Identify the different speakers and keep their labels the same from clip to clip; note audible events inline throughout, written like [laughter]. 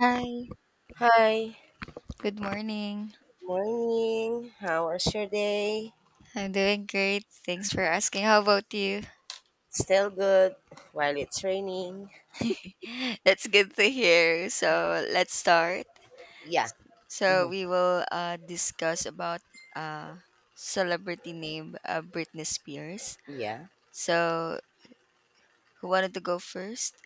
Speaker 1: Hi,
Speaker 2: Hi.
Speaker 1: good morning.
Speaker 2: Morning. How was your day?
Speaker 1: I'm doing great. Thanks for asking. How about you?
Speaker 2: Still good while it's raining.
Speaker 1: [laughs] That's good to hear. So let's start.
Speaker 2: Yeah.
Speaker 1: So
Speaker 2: Hmm.
Speaker 1: we will discuss about uh, celebrity name Britney Spears.
Speaker 2: Yeah.
Speaker 1: So who wanted to go first?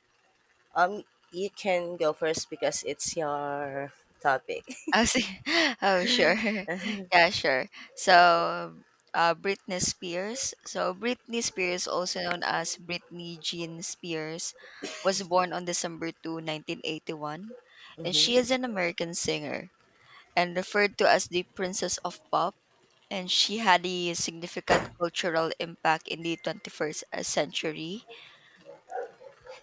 Speaker 2: You can go first because it's your topic.
Speaker 1: Oh, see. [laughs] Oh, sure. [laughs]
Speaker 2: [laughs]
Speaker 1: Yeah, sure. So, Britney Spears. So, Britney Spears, also known as Britney Jean Spears, was born on December 2, 1981, and she
Speaker 2: Mm-hmm.
Speaker 1: is an American singer and referred to as the Princess of Pop. And she had a significant cultural impact in the 21st century,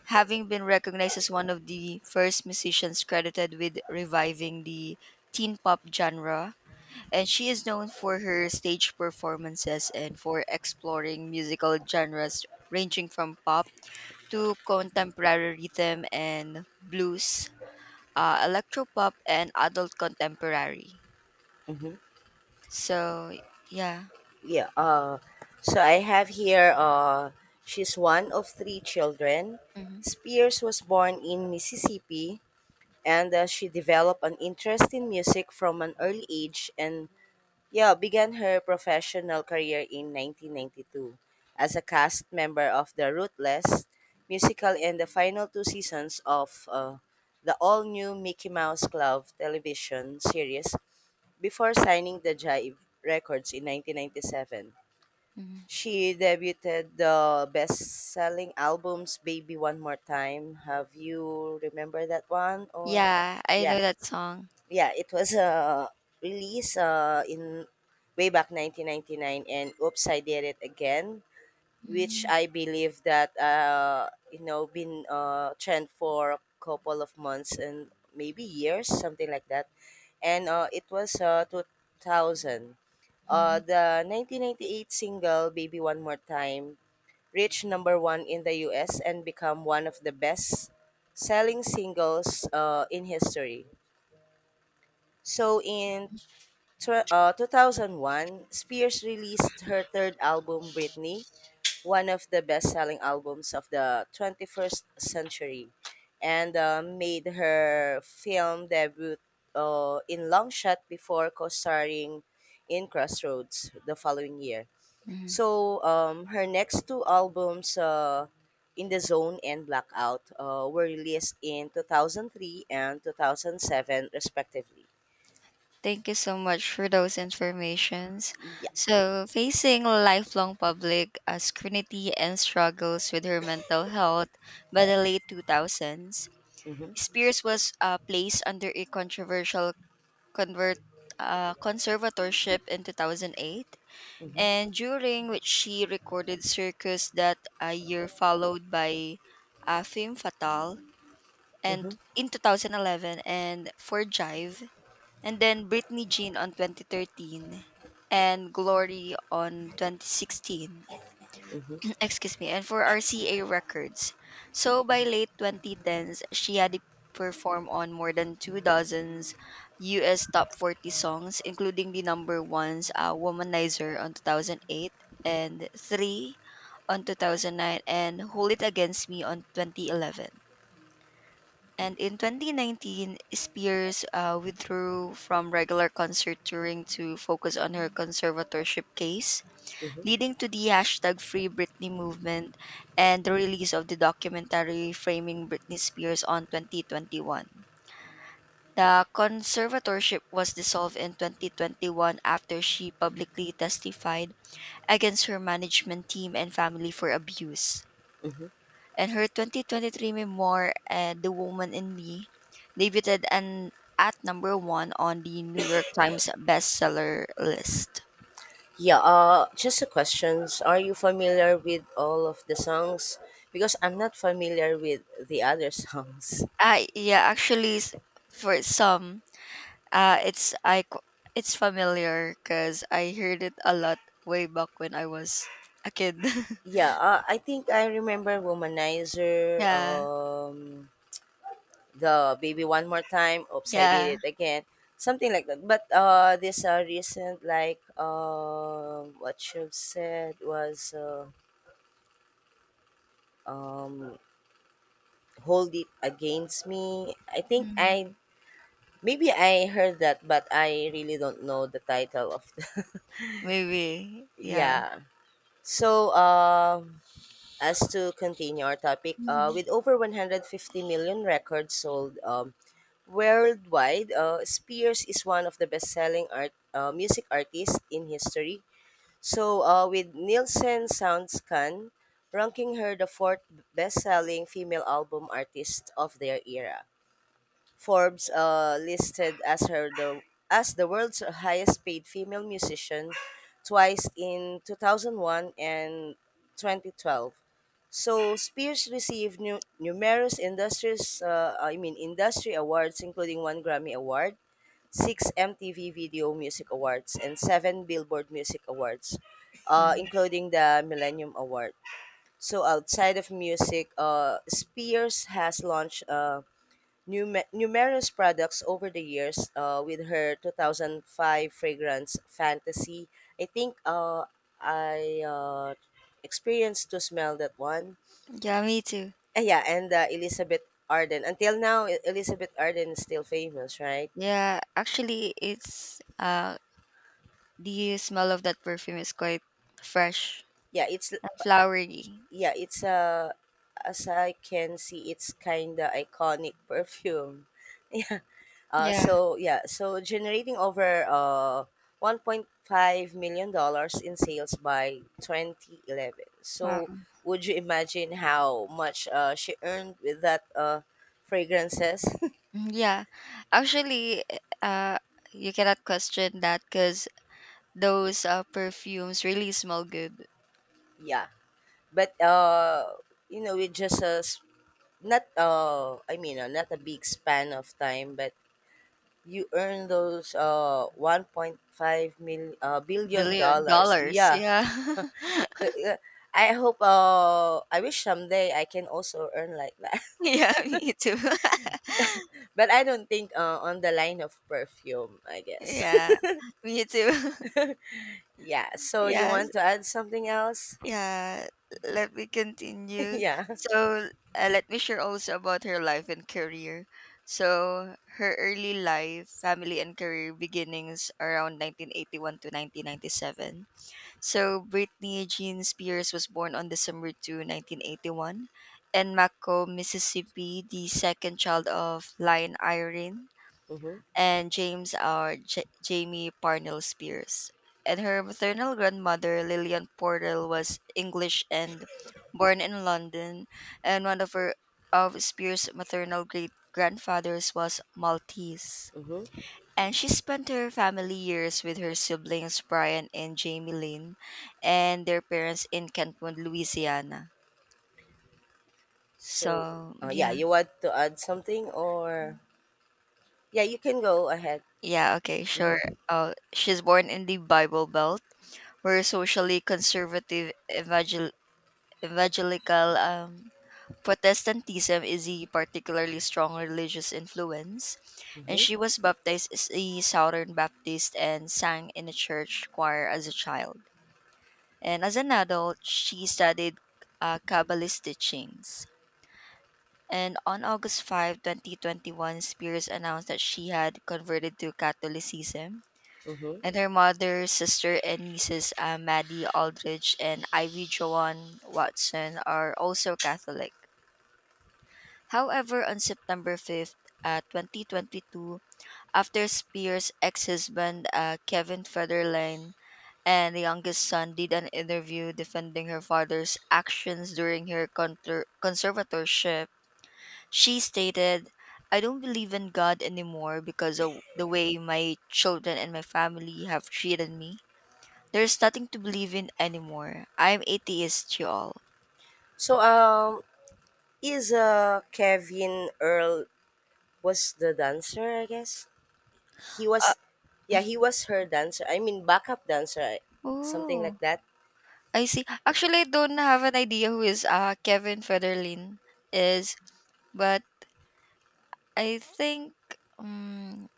Speaker 1: having been recognized as one of the first musicians credited with reviving the teen pop genre and she is known for her stage performances and for exploring musical genres ranging from pop to contemporary rhythm and blues, electropop, and adult contemporary.
Speaker 2: Mm-hmm.
Speaker 1: So, yeah.
Speaker 2: Yeah. So I have here. She's one of three children.
Speaker 1: Hmm.
Speaker 2: Spears was born in Mississippi, and she developed an interest in music from an early age, and Yeo began her professional career in 1992 as a cast member of the Ruthless musical and the final two seasons of the all-new Mickey Mouse Club television series before signing the Jive Records in 1997.
Speaker 1: Hmm.
Speaker 2: She debuted the best-selling albums Baby One More Time. Have you remember that one or?
Speaker 1: Yeah, I
Speaker 2: Yeah.
Speaker 1: know that song.
Speaker 2: Yeah, it was a release in way back 1999, and Oops, I Did It Again, which
Speaker 1: Mm-hmm.
Speaker 2: I believe that, been trend for a couple of months and maybe years, something like that. And it was 2000.
Speaker 1: Mm-hmm.
Speaker 2: The 1998 single, Baby One More Time, reached number one in the US and become one of the best selling singles in history. So in 2001, Spears released her third album, Britney, one of the best selling albums of the 21st century, and made her film debut in Long Shot before co starring in Crossroads the following year.
Speaker 1: Mm-hmm.
Speaker 2: So, her next two albums, In the Zone and Blackout, were released in 2003 and 2007, respectively.
Speaker 1: Thank you so much for those informations.
Speaker 2: Yeah.
Speaker 1: So, facing lifelong public scrutiny and struggles with her mental health by the late 2000s,
Speaker 2: Mhm.
Speaker 1: Spears was placed under a controversial convert conservatorship in 2008,
Speaker 2: Mm-hmm.
Speaker 1: and during which she recorded Circus that year, followed by Femme Fatale and
Speaker 2: Mm-hmm.
Speaker 1: in 2011 and for Jive and then Britney Jean on 2013 and Glory on 2016.
Speaker 2: Hmm.
Speaker 1: [clears throat] Excuse me, and for RCA Records. So by late 2010s, she had performed on more than two dozens US top 40 songs, including the number ones Womanizer on 2008 and Three on 2009 and Hold It Against Me on 2011. And in 2019, Spears withdrew from regular concert touring to focus on her conservatorship case, leading to the hashtag Free Britney movement and the release of the documentary Framing Britney Spears on 2021. The conservatorship was dissolved in 2021 after she publicly testified against her management team and family for abuse and her 2023 memoir, The Woman in Me, debuted and at number one on the New York Times bestseller list.
Speaker 2: Yeah, just a question. Are you familiar with all of the songs? Because I'm not familiar with the other [laughs] songs.
Speaker 1: I yeah, actually, for some, uh, it's I qu- it's familiar because I heard it a lot way back when I was a kid. [laughs]
Speaker 2: Yeah, I think I remember Womanizer,
Speaker 1: Yeah.
Speaker 2: the Baby One More Time, Oops, I
Speaker 1: Yeah.
Speaker 2: Did It Again, something like that. But this recent, like, what you've said was, um, Hold It Against Me. I think
Speaker 1: Mm.
Speaker 2: I Maybe I heard that, but I really don't know the title of. [laughs]
Speaker 1: Maybe. Yeah.
Speaker 2: Yeah. So, as to continue our topic,
Speaker 1: Mhm.
Speaker 2: with over 150 million records sold worldwide, Spears is one of the best-selling art music artists in history. So, with Nielsen SoundScan ranking her the fourth best-selling female album artist of their era. Forbes listed as her the as the world's highest paid female musician twice in 2001 and 2012. So Spears received numerous industries I mean industry awards, including one Grammy award, 6 MTV Video Music Awards and 7 Billboard Music Awards,
Speaker 1: Mm.
Speaker 2: including the Millennium Award. So outside of music, Spears has launched, numerous products over the years, with her 2005 fragrance Fantasy. I think, I experienced to smell that one.
Speaker 1: Yeah, me too.
Speaker 2: Ah, yeah, and Elizabeth Arden. Until now, Elizabeth Arden is still famous, right?
Speaker 1: Yeah, actually, it's the smell of that perfume is quite fresh
Speaker 2: Yeah, it's,
Speaker 1: and flowery.
Speaker 2: yeah, it's as I can see, it's kind of iconic [laughs] perfume.
Speaker 1: Yeah.
Speaker 2: So yeah, so generating over, $1.5 million in sales by 2011. So
Speaker 1: Wow.
Speaker 2: would you imagine how much she earned with that fragrances? [laughs]
Speaker 1: Mm. Yeah. Actually, uh, you cannot question that because those perfumes really smell good.
Speaker 2: Yeah, but, with just not, I mean, not a big span of time, but you earn those 1.5 billion
Speaker 1: Billion
Speaker 2: dollars.
Speaker 1: dollars.
Speaker 2: Yeah.
Speaker 1: Yeah. [laughs]
Speaker 2: Cou I hope, I wish someday I can also earn like that.
Speaker 1: Yeah, me too. [laughs]
Speaker 2: [laughs] But I don't think, on the line of perfume, I guess.
Speaker 1: Yeah,
Speaker 2: [laughs]
Speaker 1: me too. [laughs]
Speaker 2: Yeah, so you
Speaker 1: yeah,
Speaker 2: want to add something else?
Speaker 1: Yeah, let me
Speaker 2: [laughs]
Speaker 1: continue.
Speaker 2: Yeah.
Speaker 1: So, let me share also about her life and career. So, her early life, family, and career beginnings around 1981 to 1997. So, Britney Jean Spears was born on December 2, 1981, in Macomb, Mississippi, the second child of Lion Irene
Speaker 2: Mhm,
Speaker 1: and James or Jamie Parnell Spears. And her maternal grandmother, Lillian Portal, was English and born in London, and one of Spears' maternal great grandfathers was Maltese.
Speaker 2: mhm.
Speaker 1: And she spent her family years with her siblings Brian and Jamie Lynn and their parents in Kentwood, Louisiana.
Speaker 2: So,
Speaker 1: So
Speaker 2: yeah,
Speaker 1: yeah.
Speaker 2: you want to add something, or yeah, you can go ahead.
Speaker 1: Yeah, okay, sure.
Speaker 2: Mhm,
Speaker 1: She's born in the Bible Belt, where socially conservative evangelical Protestantism is a particularly strong religious influence, and
Speaker 2: mhm,
Speaker 1: she was baptized as a Southern Baptist and sang in a church choir as a child. And as an adult, she studied Kabbalist teachings. And on August 5, 2021, Spears announced that she had converted to Catholicism.
Speaker 2: mhm.
Speaker 1: And her mother, sister, and nieces, Maddie Aldridge and Ivy Joan Watson, are also Catholic. However, on September 5th, 2022, after Spears' ex husband, Kevin Federline, and the youngest son did an interview defending her father's actions during her conservatorship, she stated, I don't believe in God anymore because of the way my children and my family have treated me. There's nothing to believe in anymore. I'm atheist, y'all.
Speaker 2: So, Kevin Earl was the dancer, I guess? He
Speaker 1: Uh,
Speaker 2: was, yeah, he
Speaker 1: mhm.
Speaker 2: was her dancer. I mean backup dancer, something
Speaker 1: Oh,
Speaker 2: like that.
Speaker 1: I see. Actually, I don't have an idea who is Kevin Federline is, but I think um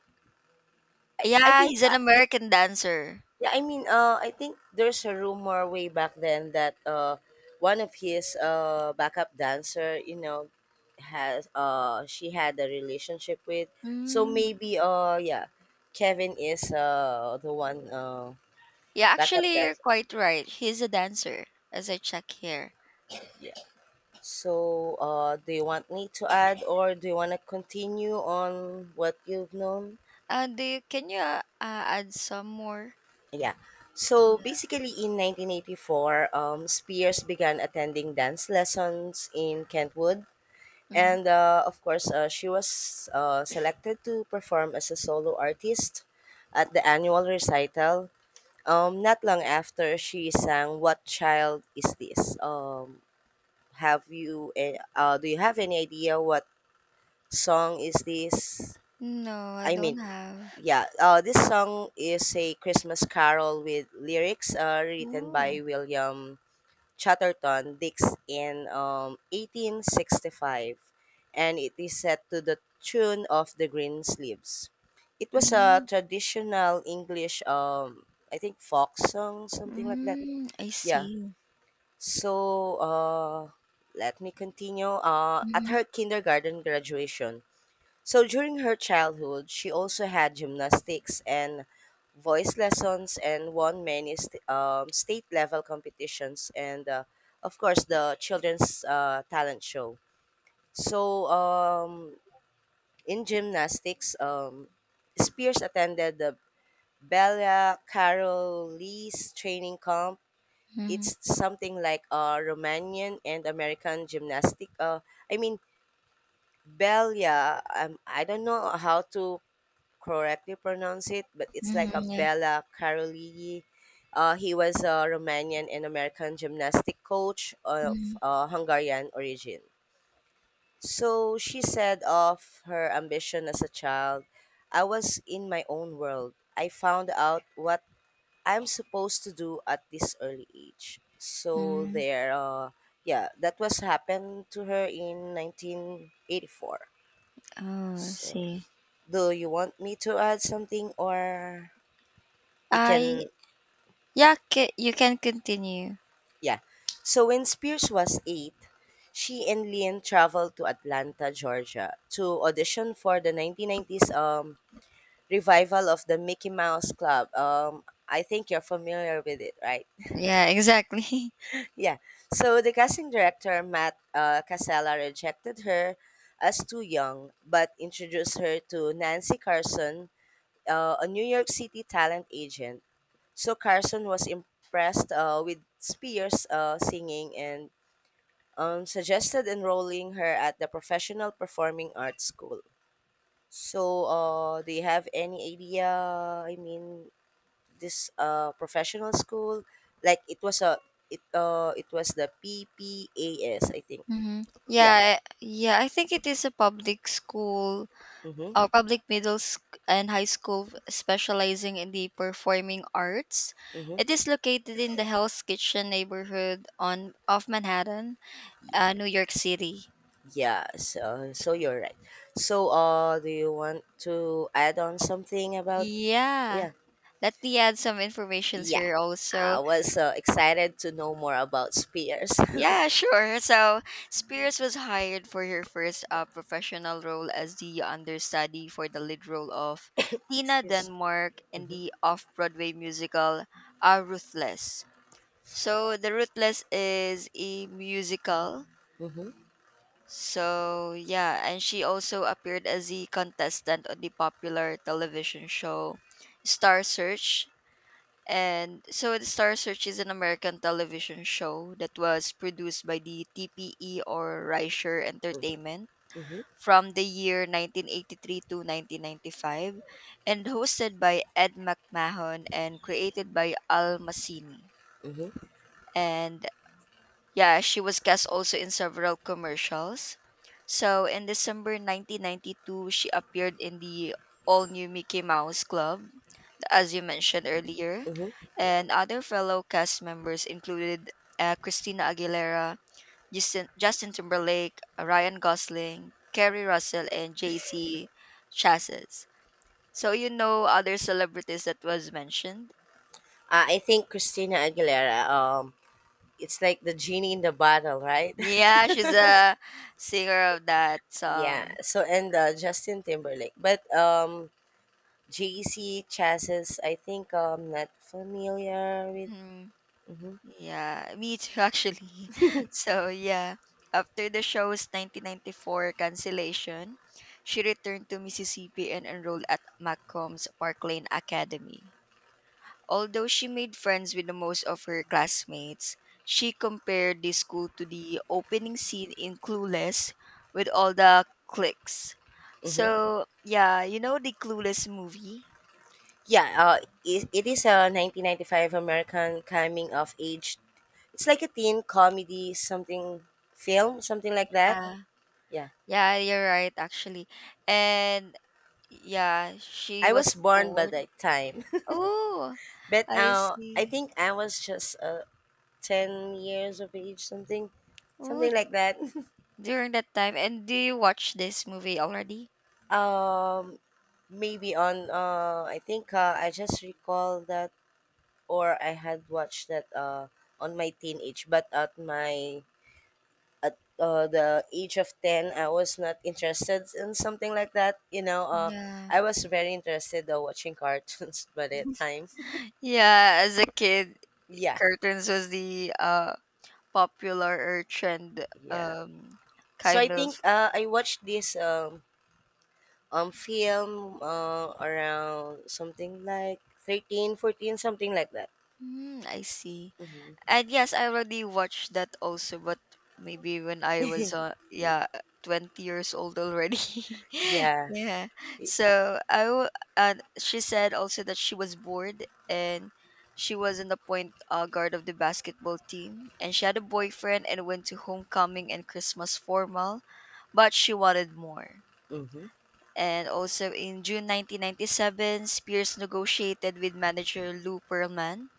Speaker 2: I
Speaker 1: yeah,
Speaker 2: think,
Speaker 1: he's an
Speaker 2: yeah,
Speaker 1: American dancer.
Speaker 2: yeah, I mean, I think there's a rumor way back then that one of his backup dancer, has she had a relationship with. So
Speaker 1: Mm.
Speaker 2: maybe, yeah, Kevin is the one,
Speaker 1: Yeah,
Speaker 2: backup
Speaker 1: actually, you're
Speaker 2: dancer.
Speaker 1: quite right. He's a dancer, as I check here.
Speaker 2: So, do you want me to add, or do you want to continue on what you've known?
Speaker 1: Can you add some more?
Speaker 2: Yeah. So basically, in 1984, Spears began attending dance lessons in Kentwood.
Speaker 1: Mm-hmm.
Speaker 2: And, of course, she was selected to perform as a solo artist at the annual recital. Not long after, she sang "What Child Is This." Have you? Do you have any idea what song is this?
Speaker 1: No, I
Speaker 2: I mean,
Speaker 1: don't have.
Speaker 2: yeah, this song is a Christmas carol with lyrics written by
Speaker 1: Oh,
Speaker 2: William Chatterton Dix in 1865, and it is set to the tune of the Green Sleeves. It was a
Speaker 1: mm,
Speaker 2: traditional English, I think, folk song, something like that.
Speaker 1: mm, I
Speaker 2: Yeah.
Speaker 1: see.
Speaker 2: So, let me continue. At
Speaker 1: Mhm,
Speaker 2: her kindergarten graduation, so during her childhood, she also had gymnastics and voice lessons and won many state level competitions and, of course, the children's talent show. So, in gymnastics, Spears attended the Bella Caroli's training camp.
Speaker 1: mhm,
Speaker 2: It's something like, Romanian and American gymnastic. I mean, Bella, I don't know how to correctly pronounce it, but it's like
Speaker 1: mhm,
Speaker 2: a
Speaker 1: yeah,
Speaker 2: Bella Caroli. He was a Romanian and American gymnastic coach of
Speaker 1: mhm,
Speaker 2: Hungarian origin. So she said of her ambition as a child, I was in my own world. I found out what I'm supposed to do at this early age. So
Speaker 1: mhm.
Speaker 2: there, yeah, that was happened to her in 1984.
Speaker 1: Oh, I
Speaker 2: So
Speaker 1: see.
Speaker 2: do you want me to add something, or you
Speaker 1: I
Speaker 2: can,
Speaker 1: yeah, ca you can continue.
Speaker 2: yeah. So when Spears was 8, she and Lynn traveled to Atlanta, Georgia to audition for the 1990s revival of the Mickey Mouse Club. I think you're familiar with it, right?
Speaker 1: Yeah, exactly. [laughs]
Speaker 2: [laughs] Yeah. So the casting director, Matt, Casella, rejected her as too young, but introduced her to Nancy Carson, a New York City talent agent. So Carson was impressed with Spears' singing and suggested enrolling her at the Professional Performing Arts School. So, do you have any idea? I mean, this professional school, like, it was the PPAS, I think.
Speaker 1: Mhm.
Speaker 2: Yeah.
Speaker 1: Yeah, yeah, I think it is a public school
Speaker 2: Mm-hmm.
Speaker 1: or public middle sc and high school specializing in the performing arts.
Speaker 2: Mm-hmm.
Speaker 1: It is located in the Hell's Kitchen neighborhood on of Manhattan, New York City.
Speaker 2: Yeah. So you're right. So, do you want to add on something about?
Speaker 1: Yeah.
Speaker 2: Yeah.
Speaker 1: Let me add some information
Speaker 2: Yeah.
Speaker 1: here also.
Speaker 2: I was, excited to know more about Spears.
Speaker 1: Yeah, sure. So Spears was hired for her first professional role as the understudy for the lead role of
Speaker 2: [laughs]
Speaker 1: Tina
Speaker 2: Excuse.
Speaker 1: Denmark in
Speaker 2: Mm-hmm.
Speaker 1: the off Broadway musical Ruthless. So, The Ruthless is a musical.
Speaker 2: Mm-hmm.
Speaker 1: So, yeah, and she also appeared as a contestant on the popular television show Star Search and so the Star Search is an American television show that was produced by the TPE or Reicher Entertainment
Speaker 2: Mm-hmm.
Speaker 1: from the year 1983 to 1995 and hosted by Ed McMahon and created by Al Massini.
Speaker 2: Mm-hmm,
Speaker 1: And yeah, she was cast also in several commercials. So in December 1992, she appeared in the all new Mickey Mouse Club as you mentioned earlier,
Speaker 2: mm-hmm.
Speaker 1: and other fellow cast members included Christina Aguilera, Justin Timberlake, Ryan Gosling, Kerry Russell, and JC Chassis. So you know other celebrities that was mentioned?
Speaker 2: I think Christina Aguilera. It's like the Genie in the Bottle, right? [laughs]
Speaker 1: Yeah, she's a singer of that
Speaker 2: Yeah.
Speaker 1: song.
Speaker 2: So, and, Justin Timberlake, but, JC Chassis. I think I'm not familiar with.
Speaker 1: Hmm. Yeah, me too actually. [laughs] So yeah, after the show's 1994 cancellation, she returned to Mississippi and enrolled at Maccomb's Park Lane Academy. Although she made friends with the most of her classmates, she compared the school to the opening scene in Clueless with all the cliques.
Speaker 2: Mm-hmm.
Speaker 1: So yeah, you know the Clueless movie?
Speaker 2: Yeah. It is a 1995 American coming of age. It's like a teen comedy, something film, something like that.
Speaker 1: Uh,
Speaker 2: Yeah.
Speaker 1: yeah, you're right actually. And yeah, she
Speaker 2: I
Speaker 1: was
Speaker 2: was born by
Speaker 1: bored.
Speaker 2: that time,
Speaker 1: Oh,
Speaker 2: [laughs] but,
Speaker 1: I
Speaker 2: I
Speaker 1: see.
Speaker 2: think I was just a 10 years of age, something
Speaker 1: Oh,
Speaker 2: something like that.
Speaker 1: during that time. And do you watch this movie already?
Speaker 2: [laughs] um Maybe on, I think, I just recall that, or I had watched that on my teenage, but at the age of 10, I was not interested in something like that,
Speaker 1: Yeah.
Speaker 2: I was very interested watching cartoons [laughs] by that time.
Speaker 1: [gasps] Yeah, as a kid,
Speaker 2: [laughs] Yeah,
Speaker 1: curtains was the popular or trend
Speaker 2: yeah. So I
Speaker 1: kind
Speaker 2: think
Speaker 1: of.
Speaker 2: I watched this, film, around something like 13, 14, something like that.
Speaker 1: Mm, I see.
Speaker 2: Mm-hmm.
Speaker 1: And yes, I already watched that also, but maybe when I was yeah, 20 years old already. [laughs]
Speaker 2: Yeah.
Speaker 1: Yeah. So I w- and she said also that she was bored and she was in the point guard of the basketball team and she had a boyfriend and went to homecoming and Christmas formal, but she wanted more.
Speaker 2: Mm-hmm.
Speaker 1: And also in June 1997, Spears negotiated with manager Lou Pearlman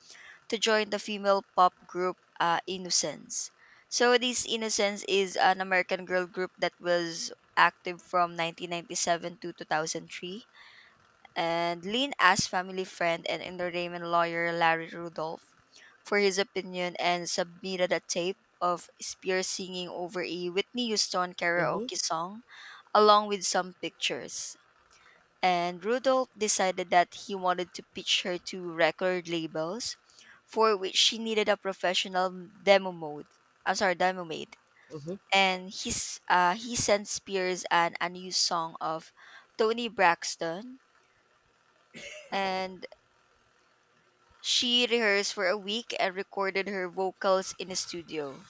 Speaker 1: to join the female pop group Innocence. So this Innocence is an American girl group that was active from 1997 to 2003 and Lynn asked family friend and entertainment lawyer Larry Rudolph for his opinion and submitted a tape of Spears singing over a Whitney Houston
Speaker 2: Mm-hmm.
Speaker 1: karaoke song along with some pictures and Rudolph decided that he wanted to pitch her to record labels, for which she needed a professional demo mode. I'm sorry, demo made.
Speaker 2: Mm-hmm.
Speaker 1: And he sent Spears an unused song of Tony Braxton, and she rehearsed for a week and recorded her vocals in a studio.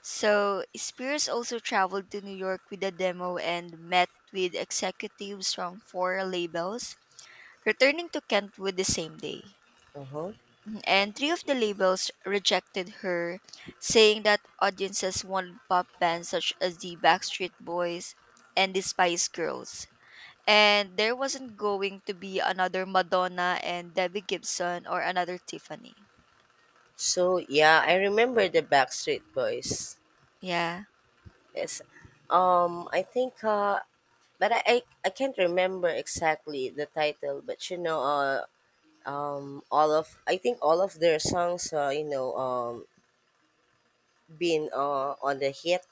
Speaker 1: So Spears also traveled to New York with a demo and met with executives from four labels, returning to Kentwood the same day.
Speaker 2: Uh-huh.
Speaker 1: And three of the labels rejected her, saying that audiences wanted pop bands such as the Backstreet Boys and the Spice Girls. And there wasn't going to be another Madonna and Debbie Gibson or another Tiffany.
Speaker 2: So yeah, I remember the Backstreet Boys.
Speaker 1: Yeah.
Speaker 2: Yes. I think, but I, I can't remember exactly the title, but all of, I think, all of their songs, been on the hit,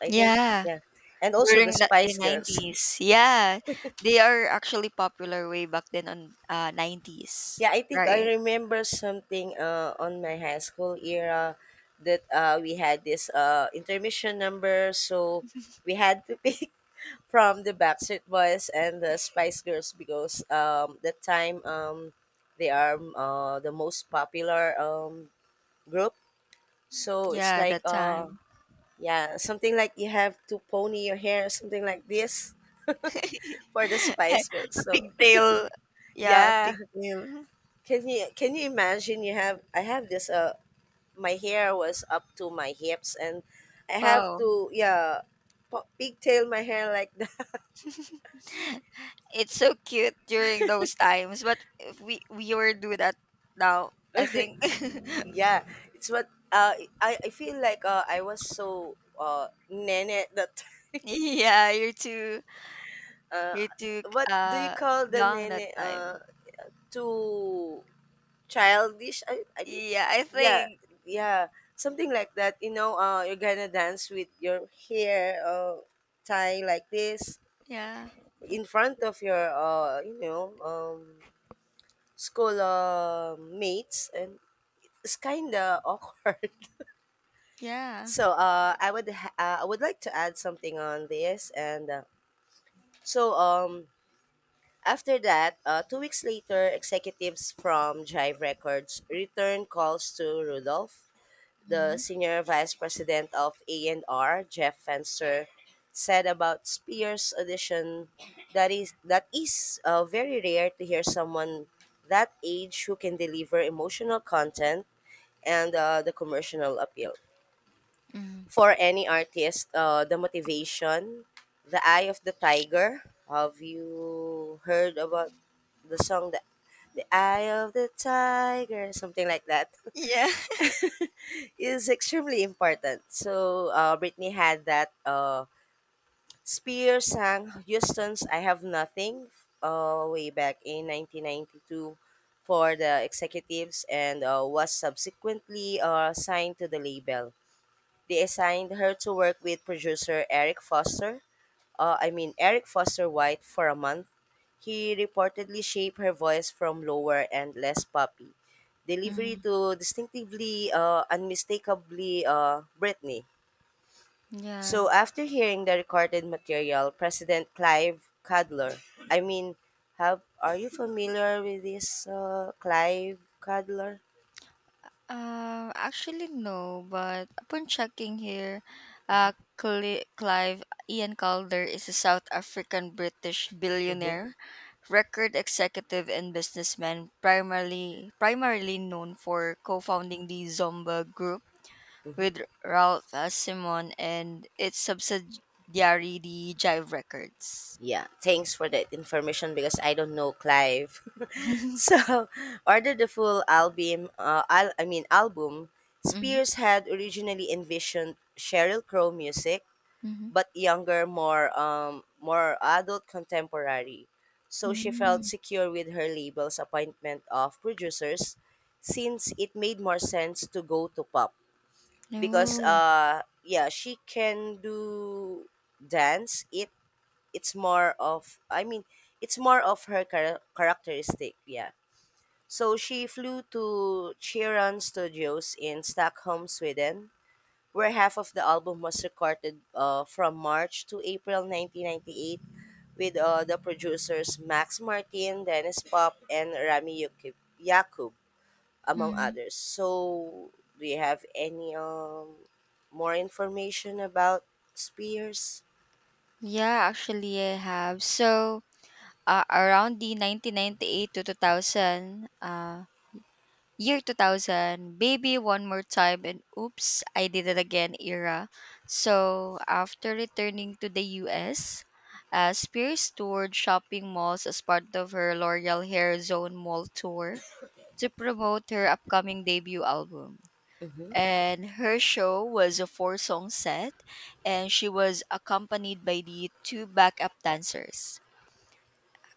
Speaker 2: I think.
Speaker 1: Yeah.
Speaker 2: Yeah. And also the
Speaker 1: During the
Speaker 2: Spice Girls.
Speaker 1: 90s. Yeah. They are actually popular way back then on 90s.
Speaker 2: Yeah, I think I
Speaker 1: Right.
Speaker 2: remember something, on my high school era, that we had this, intermission number, so we had to [laughs] pick from the Backstreet Boys and the Spice Girls, because, that time, the most popular, group. So it's
Speaker 1: Yeah,
Speaker 2: like,
Speaker 1: that time.
Speaker 2: yeah, something like you have to pony your hair, something like this
Speaker 1: [laughs] A
Speaker 2: for the Spice Girls. So
Speaker 1: pigtail.
Speaker 2: [laughs]
Speaker 1: Yeah, a
Speaker 2: yeah,
Speaker 1: pigtail.
Speaker 2: can you imagine? You have I have this, my hair was up to my hips, and I have
Speaker 1: Wow.
Speaker 2: to, yeah, pigtail my hair like that.
Speaker 1: [laughs] It's so cute during those times, but if we were do that now, I
Speaker 2: [laughs]
Speaker 1: think. [laughs]
Speaker 2: Yeah, it's what, I feel like, I was so nene that. [laughs]
Speaker 1: Yeah, you're too
Speaker 2: uh,
Speaker 1: you're too
Speaker 2: what do you
Speaker 1: uh
Speaker 2: call the
Speaker 1: young that
Speaker 2: nene,
Speaker 1: time.
Speaker 2: too childish, I mean.
Speaker 1: Yeah, I
Speaker 2: Yeah,
Speaker 1: think.
Speaker 2: yeah, something like that. You're gonna dance with your hair tie like this
Speaker 1: Yeah.
Speaker 2: in front of your, school mates, and it's kind of [laughs] awkward.
Speaker 1: Yeah.
Speaker 2: So, I would like to add something on this, and, so, after that, 2 weeks later, executives from Jive Records returned calls to Rudolph. The
Speaker 1: Mm-hmm.
Speaker 2: senior vice president of A&R, Jeff Fenster, said about Spears audition, that is very rare to hear someone that age who can deliver emotional content and, the commercial appeal. For any artist, the motivation, the Eye of the Tiger. Have you heard about the song that the Eye of the Tiger, something like that,
Speaker 1: Yeah. [laughs]
Speaker 2: [laughs] is extremely important. So, Britney had that. Spears sang Houston's "I Have Nothing", way back in 1992 for the executives and, was subsequently, signed to the label. They assigned her to work with producer Eric Foster, I mean Eric Foster White, for a month. He reportedly shaped her voice from lower and less poppy delivery
Speaker 1: Mm-hmm.
Speaker 2: to distinctively, unmistakably, Britney.
Speaker 1: Yeah.
Speaker 2: So after hearing the recorded material, President Clive Cadler, I mean, have are you familiar with this, Clive Cadler?
Speaker 1: Actually, no. But upon checking here, Clive Ian Calder is a South African British
Speaker 2: Mm-hmm.
Speaker 1: billionaire, record executive, and businessman, primarily known for co-founding the Zomba Group
Speaker 2: Mm-hmm.
Speaker 1: with Ralph Simon and its subsidiary, the Jive Records.
Speaker 2: Yeah, thanks for that information, because I don't know Clive. [laughs]
Speaker 1: [laughs]
Speaker 2: So, order the full album. I mean album.
Speaker 1: Mm-hmm.
Speaker 2: Spears had originally envisioned Cheryl Crow music,
Speaker 1: Mm-hmm.
Speaker 2: but younger, more adult contemporary. So she felt
Speaker 1: Mm.
Speaker 2: secure with her label's appointment of producers, since it made more sense to go to pop, because,
Speaker 1: No.
Speaker 2: yeah, she can do dance, it's more of, I mean, it's more of her characteristic. Yeah. So she flew to Chiron Studios in Stockholm, Sweden, where half of the album was recorded, from March to April 1998, with, the producers Max Martin, Dennis Pop and Rami Yakub, among
Speaker 1: Mhm.
Speaker 2: others. So do you have any, more information about Spears?
Speaker 1: Yeah, actually, I have. So. Around the 1998 to 2000, year 2000, Baby One More Time and Oops, I Did It Again era. So, after returning to the US, Spears toured shopping malls as part of her L'Oreal Hair Zone Mall Tour to promote her upcoming debut album.
Speaker 2: Mhm.
Speaker 1: And her show was a four song set, and she was accompanied by the two backup dancers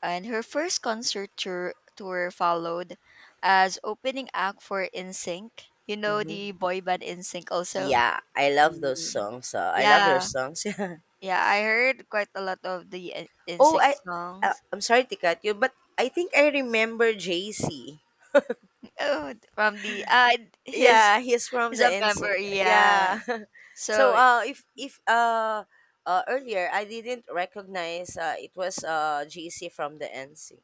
Speaker 1: and her first concert tour followed as opening act for N SYNC. You know
Speaker 2: Mhm.
Speaker 1: the boy band N SYNC also.
Speaker 2: Yeah, I love those
Speaker 1: Ye-
Speaker 2: songs. I love their
Speaker 1: Yeah,
Speaker 2: songs. [laughs] Yeah.
Speaker 1: yeah, I heard quite a lot of the
Speaker 2: Oh,
Speaker 1: SYNC songs.
Speaker 2: I'm sorry to cut you, but I think I remember JC.
Speaker 1: Oh, from the his
Speaker 2: Yeah, he's from
Speaker 1: is
Speaker 2: the
Speaker 1: a member.
Speaker 2: NSYNC.
Speaker 1: Yeah,
Speaker 2: Yeah. [laughs] So,
Speaker 1: so
Speaker 2: if, earlier I didn't recognize, it was JC from the NSYNC.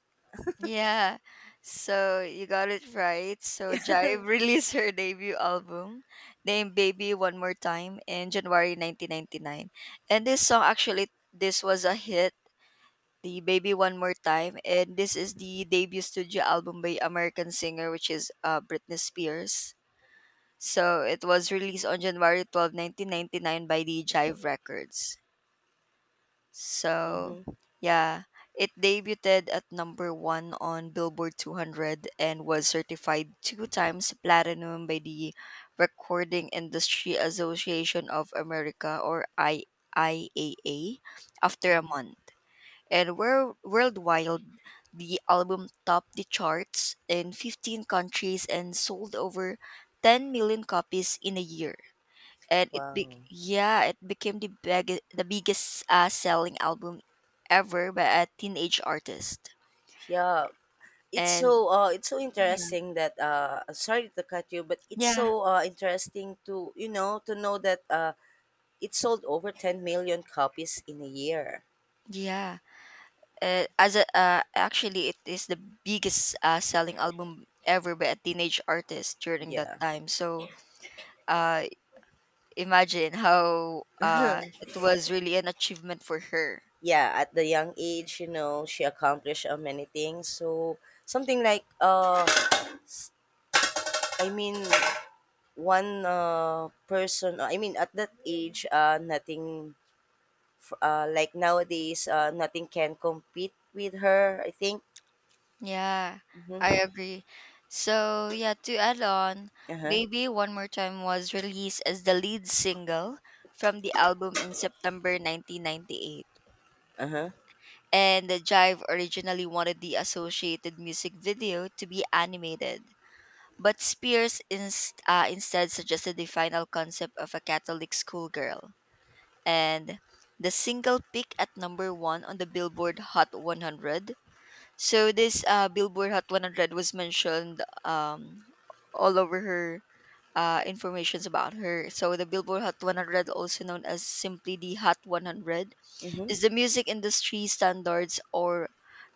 Speaker 1: Yeah, so you got it right. So Jive [laughs] released her debut album named Baby One More Time in January 1999. And this song actually this was a hit, the Baby One More Time, and this is the debut studio album by American singer, which is Britney Spears. So it was released on January 12, 1999 by the Jive Records. So,
Speaker 2: Mm-hmm,
Speaker 1: yeah, it debuted at number one on Billboard 200 and was certified two times platinum by the Recording Industry Association of America, or IAA, after a
Speaker 2: mm-hmm.
Speaker 1: month. And worldwide, the album topped the charts in 15 countries and sold over 10 million copies in a year, and it be-
Speaker 2: Wow.
Speaker 1: yeah it became the biggest selling album ever by a teenage artist.
Speaker 2: Yeah. It's
Speaker 1: And
Speaker 2: so uh it's so
Speaker 1: yeah
Speaker 2: interesting that, sorry to cut you, but it's
Speaker 1: yeah
Speaker 2: so interesting to to know that it sold over 10 million copies in a year.
Speaker 1: yeah as a Actually, it is the biggest selling album ever by a teenage artist during that
Speaker 2: Yeah.
Speaker 1: time. So uh imagine how
Speaker 2: [clears throat]
Speaker 1: it was really an achievement for her.
Speaker 2: Yeah, at the young age, she accomplished, many things. So something like, s- I mean one person, I mean, at that age nothing, like nowadays nothing can compete with her, I think.
Speaker 1: Yeah, I
Speaker 2: Mhm.
Speaker 1: agree. So, yeah, to add on,
Speaker 2: Uh-huh.
Speaker 1: Baby One More Time was released as the lead single from the album in September 1998.
Speaker 2: Uh-huh.
Speaker 1: And the Jive originally wanted the associated music video to be animated, but Spears instead suggested the final concept of a Catholic schoolgirl. And the single peaked at number one on the Billboard Hot 100. So this Billboard Hot 100 was mentioned all over her informations about her. So the Billboard Hot 100, also known as simply the Hot 100,
Speaker 2: Mhm.
Speaker 1: is the music industry standards, or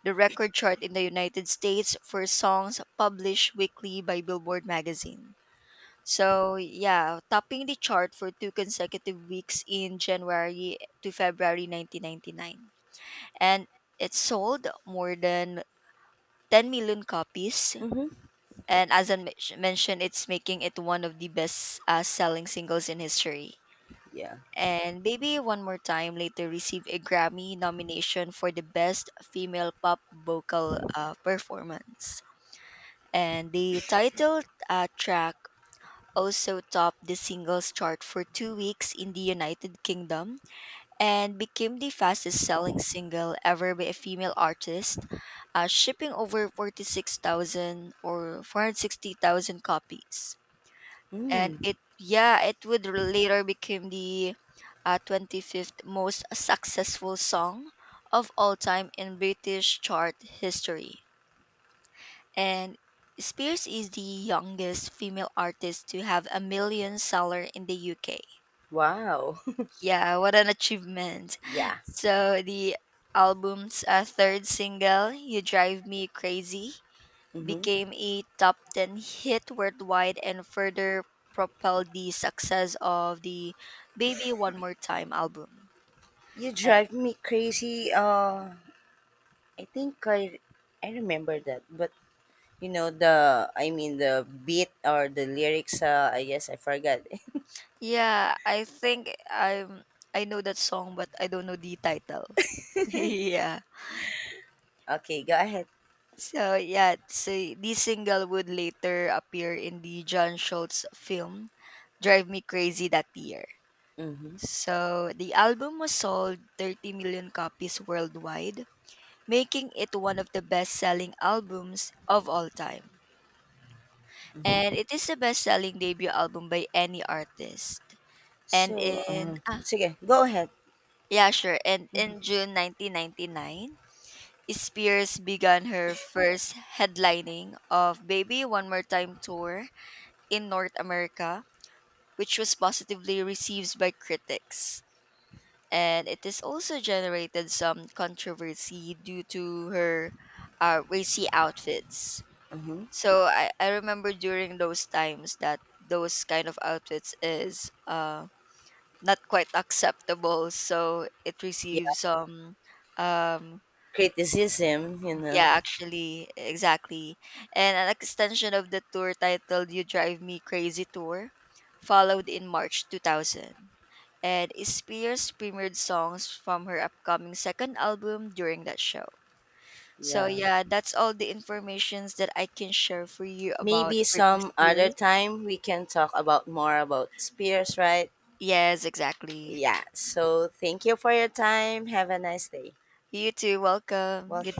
Speaker 1: the record chart in the United States for songs published weekly by Billboard magazine. So yeah, topping the chart for two consecutive weeks in January to February 1999, and it sold more than 10 million copies.
Speaker 2: Mhm.
Speaker 1: And as mentioned, it's making it one of the best selling singles in history.
Speaker 2: Yeah.
Speaker 1: And Baby One More Time later received a Grammy nomination for the Best Female Pop Vocal Performance. And the title track also topped the singles chart for 2 weeks in the United Kingdom and became the fastest selling single ever by a female artist, shipping over 46,000 or 460,000 copies. And
Speaker 2: Mm.
Speaker 1: it would later become the 25th most successful song of all time in British chart history. And Spears is the youngest female artist to have a million seller in the UK.
Speaker 2: Wow.
Speaker 1: Yeah, what an achievement.
Speaker 2: [laughs] Yeah.
Speaker 1: So the album's third single, You Drive Me Crazy,
Speaker 2: Mhm.
Speaker 1: became a top 10 hit worldwide and further propelled the success of the Baby One More Time album.
Speaker 2: You
Speaker 1: Eh,
Speaker 2: drive me crazy, I think I remember that, but you know the I mean the beat or the lyrics. I guess I forgot. [laughs]
Speaker 1: Yeah, I think I'm I know that song, but I don't know the title. [laughs] Yeah.
Speaker 2: Okay, go ahead.
Speaker 1: So yeah, so this single would later appear in the John Schultz film Drive Me Crazy that year.
Speaker 2: Mm-hmm,
Speaker 1: So the album was sold 30 million copies worldwide, making it one of the best-selling albums of all time. And
Speaker 2: mm-hmm.
Speaker 1: it is the best-selling debut album by any artist. And
Speaker 2: So,
Speaker 1: in ah
Speaker 2: sige, go ahead.
Speaker 1: Yeah, sure. And in June 1999, Spears began her first headlining of Baby One More Time tour in North America, which was positively received by critics, and it has also generated some controversy due to her racy outfits.
Speaker 2: Mm-hmm.
Speaker 1: So I remember during those times that those kind of outfits is not quite acceptable, so it
Speaker 2: Yeah,
Speaker 1: receives some um,
Speaker 2: criticism. You
Speaker 1: yeah,
Speaker 2: know,
Speaker 1: actually, exactly. And an extension of the tour titled You Drive Me Crazy Tour followed in March 2000. And Spears premiered songs from her upcoming second album during that show. So
Speaker 2: yeah.
Speaker 1: yeah, that's all the informations that I can share for you about
Speaker 2: Maybe
Speaker 1: Britney
Speaker 2: some other
Speaker 1: Spears.
Speaker 2: time we can talk about more about Spears, right?
Speaker 1: Yes, exactly.
Speaker 2: Yeah. So thank you for your time. Have a nice day.
Speaker 1: You too, welcome.
Speaker 2: Welcome.
Speaker 1: Good